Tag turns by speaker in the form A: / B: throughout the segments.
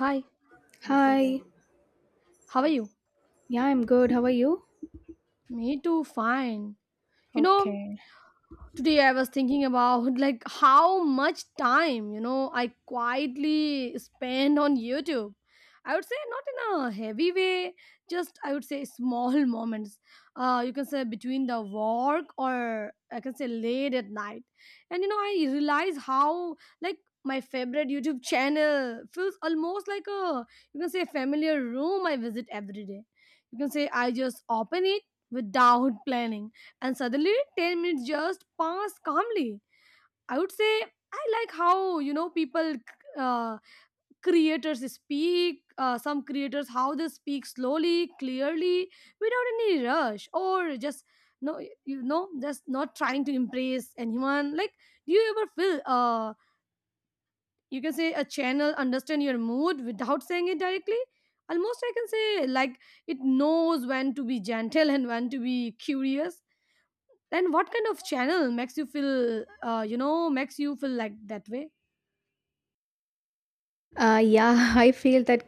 A: Hi,
B: Hi.
A: how are you?
B: Yeah, I'm good. How are you?
A: Me too, fine. You know,
B: Okay.
A: today I was thinking about, like, how much time, you know, I quietly spend on YouTube. I would say not in a heavy way, just, I would say, small moments, you can say between the work, or I can say late at night. And you know I realize how, like, my favorite YouTube channel feels almost like a, you can say, familiar room I visit every day. You can say I just open it without planning, and suddenly 10 minutes just pass calmly, I would say. I like how, you know, people, uh, creators speak, some creators, how they speak slowly, clearly, without any rush, or just no, you know, just not trying to impress anyone, like, do you ever feel, you can say, a channel understand your mood without saying it directly. Almost, I can say, like, it knows when to be gentle and when to be curious. Then what kind of channel makes you feel, you know, makes you feel like that way?
B: Yeah, I feel that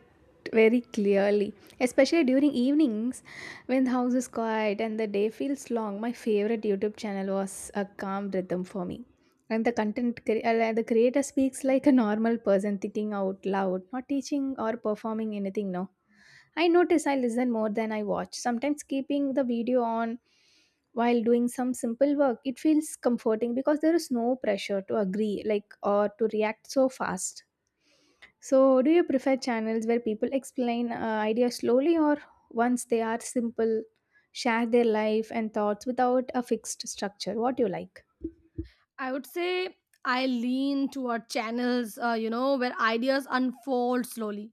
B: very clearly, especially during evenings when the house is quiet and the day feels long. My favorite YouTube channel was a calm rhythm for me, and the the creator speaks like a normal person, thinking out loud, not teaching or performing anything. No. I notice I listen more than I watch, sometimes keeping the video on while doing some simple work. It feels comforting because there is no pressure to agree like or to react so fast. So, do you prefer channels where people explain ideas slowly or once they are simple, share their life and thoughts without a fixed structure? What do you like?
A: I would say I lean toward channels, you know, where ideas unfold slowly.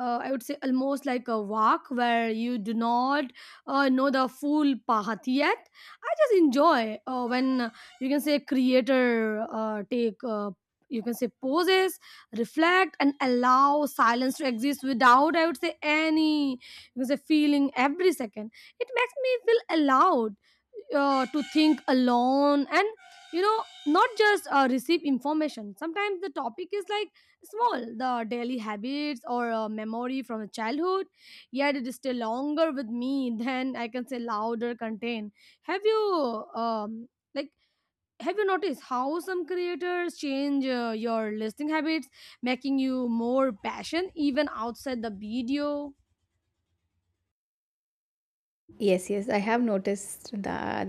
A: I would say almost like a walk where you do not, know the full path yet. I just enjoy, when, you can say, creator, take, you can say, poses, reflect, and allow silence to exist without, I would say, any, you can say, feeling every second. It makes me feel allowed, to think alone, and, you know, not just, receive information. Sometimes the topic is like small, the daily habits or a memory from a childhood, yet it is still longer with me than, I can say, louder contain. Have you um like have you noticed how some creators change, your listening habits, making you more passion even outside the video?
B: Yes, yes, I have noticed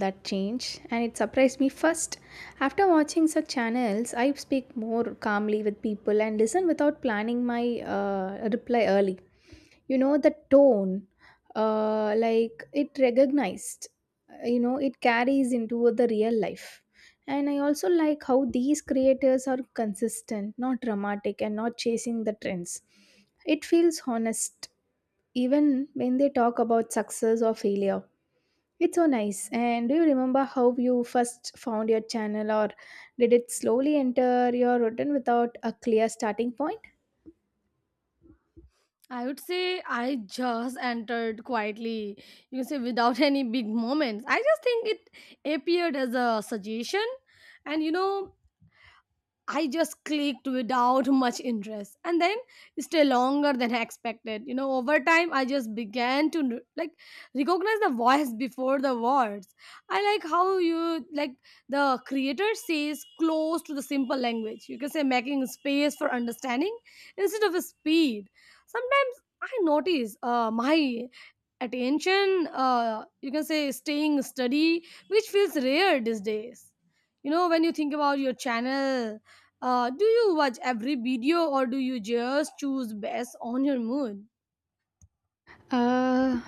B: that change and it surprised me first. After watching such channels, I speak more calmly with people and listen without planning my reply early. You know, the tone, like it recognized, it carries into the real life. And I also like how these creators are consistent, not dramatic, and not chasing the trends. It feels honest even when they talk about success or failure, it's so nice. And do you remember how you first found your channel, or did it slowly enter your routine without a clear starting point?
A: I would say I just entered quietly, you can say, without any big moments. I just think it appeared as a suggestion, and you know I just clicked without much interest, and then stay longer than I expected. You know, over time, I just began to like recognize the voice before the words. I like how, you like, the creator says close to the simple language. You can say making space for understanding instead of speed. Sometimes I notice, my attention, you can say, staying steady, which feels rare these days. You know, when you think about your channel, do you watch every video or do you just choose based on your mood?
B: Uh,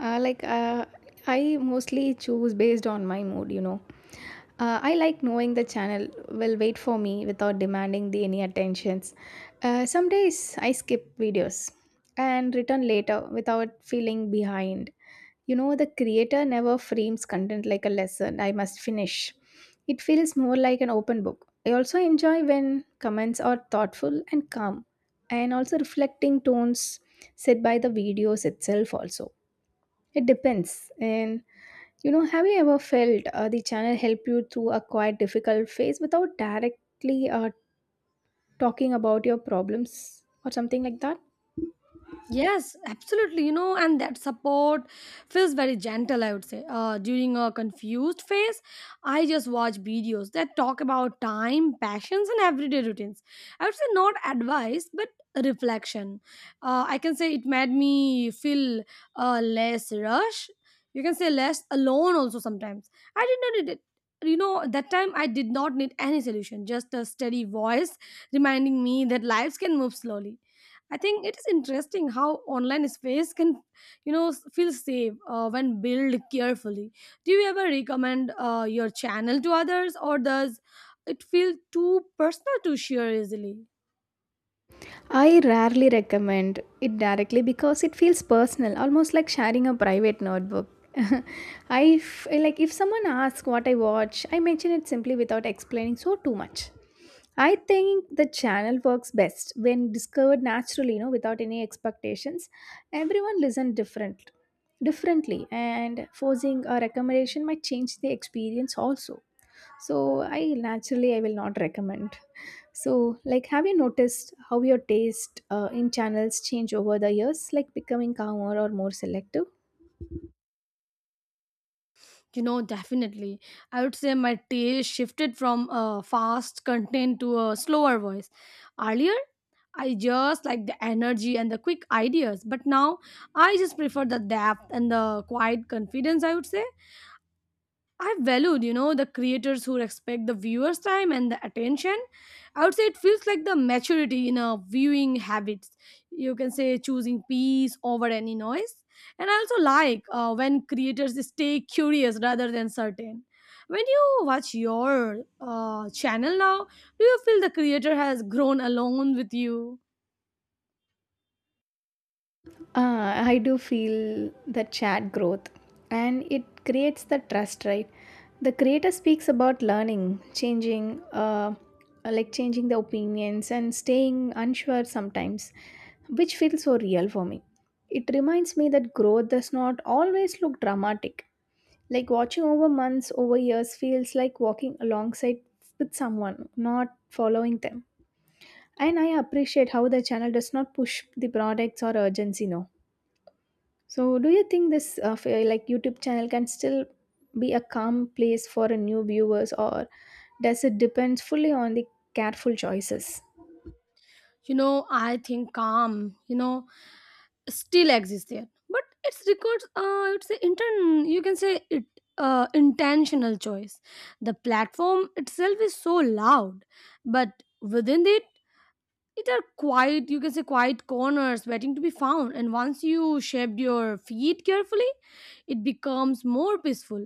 B: uh like uh, I mostly choose based on my mood, you know. I like knowing the channel will wait for me without demanding the any attentions. Some days I skip videos and return later without feeling behind. You know, the creator never frames content like a lesson I must finish. It feels more like an open book. I also enjoy when comments are thoughtful and calm, and also reflecting tones set by the videos itself, also. It depends. And you know, have you ever felt the channel help you through a quite difficult phase without directly talking about your problems or something like that?
A: Yes, absolutely. You know, and that support feels very gentle, I would say. During a confused phase, I just watch videos that talk about time, passions, and everyday routines. I would say not advice, but reflection. I can say it made me feel, less rush. You can say less alone also sometimes. I did not need it. You know, that time I did not need any solution, just a steady voice reminding me that lives can move slowly. I think it is interesting how online space can, you know, feel safe, when built carefully. Do you ever recommend, your channel to others, or does it feel too personal to share easily?
B: I rarely recommend it directly because it feels personal, almost like sharing a private notebook. I like if someone asks what I watch, I mention it simply without explaining so too much. I think the channel works best when discovered naturally, you know, without any expectations. Everyone listens differently, and forcing a recommendation might change the experience also. So I naturally I will not recommend. So like have you noticed how your taste in channels change over the years, like becoming calmer or more selective?
A: You know, definitely. I would say my taste shifted from, fast content to a slower voice. Earlier, I just like the energy and the quick ideas, but now I just prefer the depth and the quiet confidence, I would say. I valued, you know, the creators who respect the viewers' time and the attention. I would say it feels like the maturity in a viewing habits. You can say choosing peace over any noise. And I also like, when creators stay curious rather than certain. When you watch your, channel now, do you feel the creator has grown alone with you?
B: I do feel the chat growth and it creates the trust, right? The creator speaks about learning, changing, like changing the opinions and staying unsure sometimes, which feels so real for me. It reminds me that growth does not always look dramatic. Like watching over months, over years feels like walking alongside with someone, not following them. And I appreciate how the channel does not push the products or urgency, no. So, do you think this like YouTube channel can still be a calm place for a new viewers, or does it depend fully on the careful choices?
A: You know, I think calm, you know, still exists there, but it's records, I would say intern, you can say it, intentional choice. The platform itself is so loud, but within it, it are quiet, you can say, quiet corners waiting to be found. And once you shaped your feet carefully, it becomes more peaceful.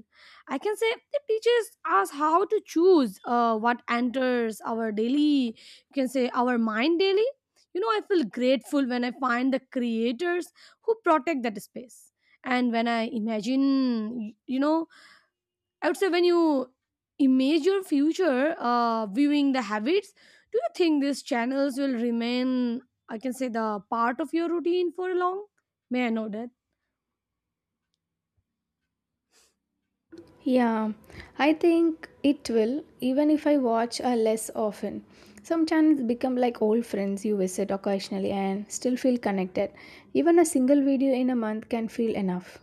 A: I can say it teaches us how to choose, what enters our daily, you can say, our mind daily. You know, I feel grateful when I find the creators who protect that space. And when I imagine, you know, I would say, when you image your future, viewing the habits, do you think these channels will remain, I can say, the part of your routine for long? May I know that?
B: Yeah, I think it will, even if I watch less often. Some channels become like old friends you visit occasionally and still feel connected. Even a single video in a month can feel enough.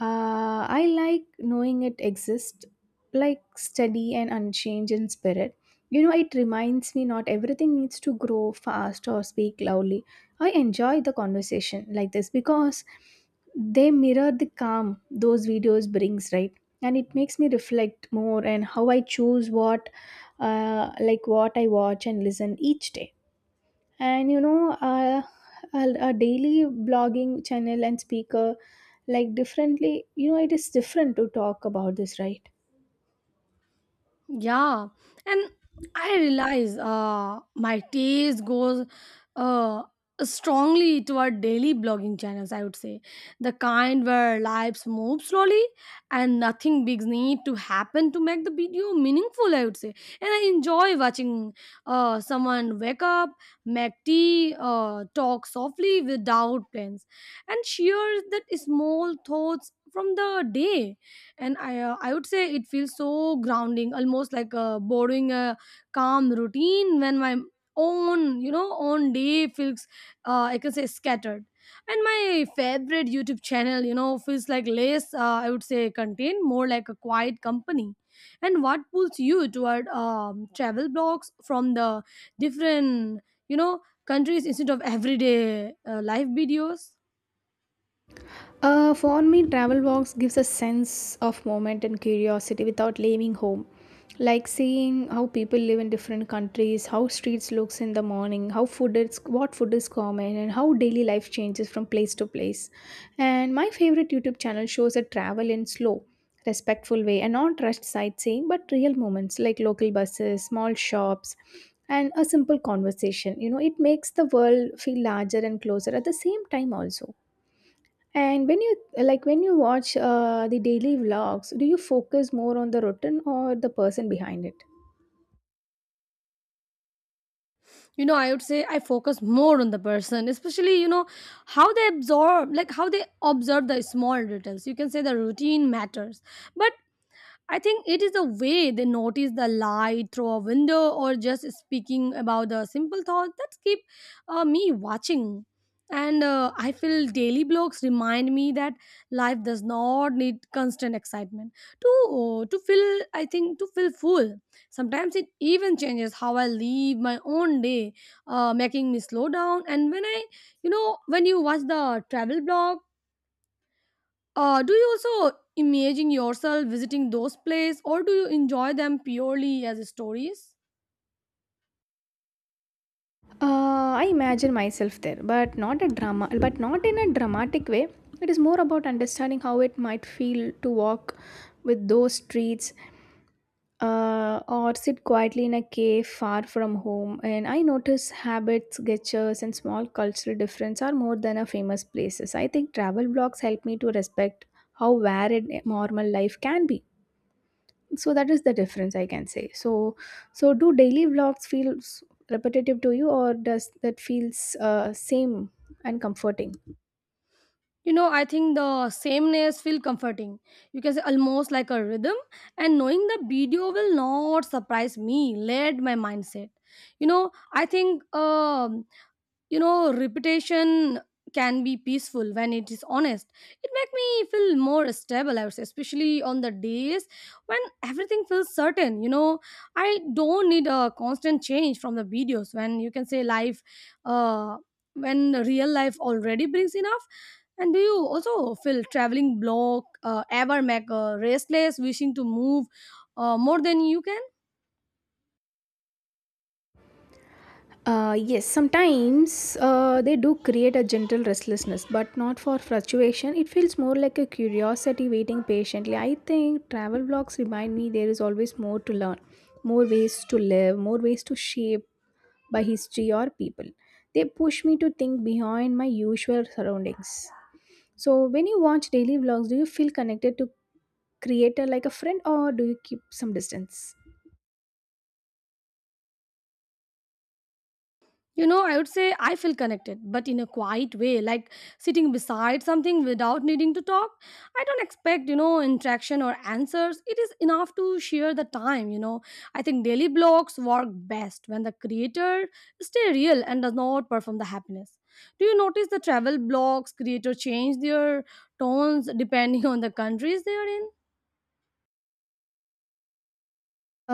B: I like knowing it exists, like steady and unchanged in spirit. You know, it reminds me not everything needs to grow fast or speak loudly. I enjoy the conversation like this because they mirror the calm those videos brings, right? And it makes me reflect more and how I choose what like what I watch and listen each day. And you know, a daily blogging channel and speaker, like differently, you know, it is different to talk about this, right?
A: Yeah, and I realize, my taste goes, uh, strongly toward daily blogging channels, I would say. The kind where lives move slowly and nothing big need to happen to make the video meaningful, I would say. And I enjoy watching, someone wake up, make tea, talk softly without plans, and share that small thoughts from the day. And I would say it feels so grounding, almost like, borrowing a calm routine when my own, you know, own day feels, I can say, scattered. And my favorite YouTube channel, you know, feels like less, I would say contain, more like a quiet company. And what pulls you toward, travel blogs from the different, you know, countries instead of everyday, life videos?
B: For me, travel walks gives a sense of moment and curiosity without leaving home. Like seeing how people live in different countries, how streets looks in the morning, how food is what food is common, and how daily life changes from place to place. And my favorite YouTube channel shows a travel in slow, respectful way and not rushed sightseeing, but real moments like local buses, small shops, and a simple conversation. You know, it makes the world feel larger and closer at the same time also. And when you like When you watch the daily vlogs, do you focus more on the routine or the person behind it?
A: You know, I would say I focus more on the person, especially, you know, how they absorb, like how they observe, the small details. You can say the routine matters, but I think it is a way they notice the light through a window or just speaking about the simple thoughts that keep, me watching. And, I feel daily blogs remind me that life does not need constant excitement to feel. I think, to feel full. Sometimes it even changes how I live my own day, making me slow down. And when I, you know, when you watch the travel blog, do you also imagine yourself visiting those places, or do you enjoy them purely as stories?
B: I imagine myself there, but not in a dramatic way. It is more about understanding how it might feel to walk with those streets, or sit quietly in a cave far from home. And I notice habits, gestures, and small cultural difference are more than a famous places. I think travel blogs help me to respect how varied normal life can be. So that is the difference I can say. So so do daily vlogs feels repetitive to you, or does that feels same and comforting?
A: You know, I think the sameness feel comforting. You can say almost like a rhythm, and knowing the video will not surprise me, led my mindset. You know, I think, you know, reputation can be peaceful when it is honest. It makes me feel more stable, I would say, especially on the days when everything feels certain. You know, I don't need a constant change from the videos when, you can say, life, uh when real life already brings enough. And do you also feel traveling block, ever make, restless, wishing to move, more than you can?
B: Yes, sometimes they do create a gentle restlessness, but not for fluctuation. It feels more like a curiosity waiting patiently. I think travel vlogs remind me there is always more to learn, more ways to live, more ways to shape by history or people. They push me to think beyond my usual surroundings. So when you watch daily vlogs, do you feel connected to creator like a friend, or do you keep some distance?
A: You know, I would say I feel connected, but in a quiet way, like sitting beside something without needing to talk. I don't expect, you know, interaction or answers. It is enough to share the time, you know. I think daily blogs work best when the creator stay real and does not perform the happiness. Do you notice the travel blogs creator change their tones depending on the countries they are in?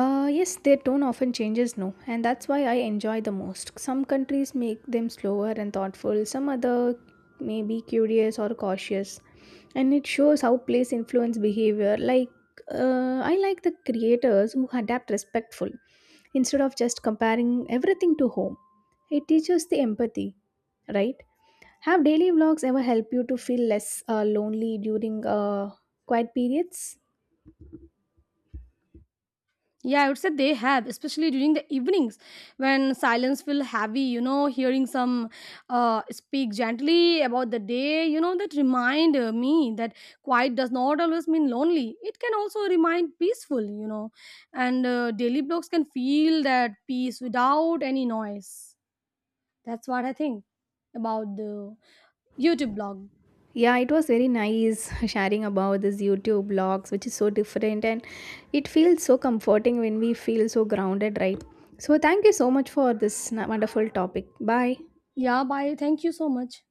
B: Yes, their tone often changes, no, and that's why I enjoy the most. Some countries make them slower and thoughtful, some other may be curious or cautious, and it shows how place influence behavior. I like the creators who adapt respectful instead of just comparing everything to home. It teaches the empathy, right? Have daily vlogs ever helped you to feel less lonely during quiet periods?
A: Yeah, I would say they have, especially during the evenings when silence feel heavy. You know, hearing some, speak gently about the day, you know, that remind, me that quiet does not always mean lonely. It can also remind peaceful, you know, and, daily blogs can feel that peace without any noise. That's what I think about the YouTube blog.
B: Yeah, it was very nice sharing about this YouTube vlogs, which is so different and it feels so comforting when we feel so grounded, right? So, thank you so much for this wonderful topic. Bye.
A: Yeah, bye. Thank you so much.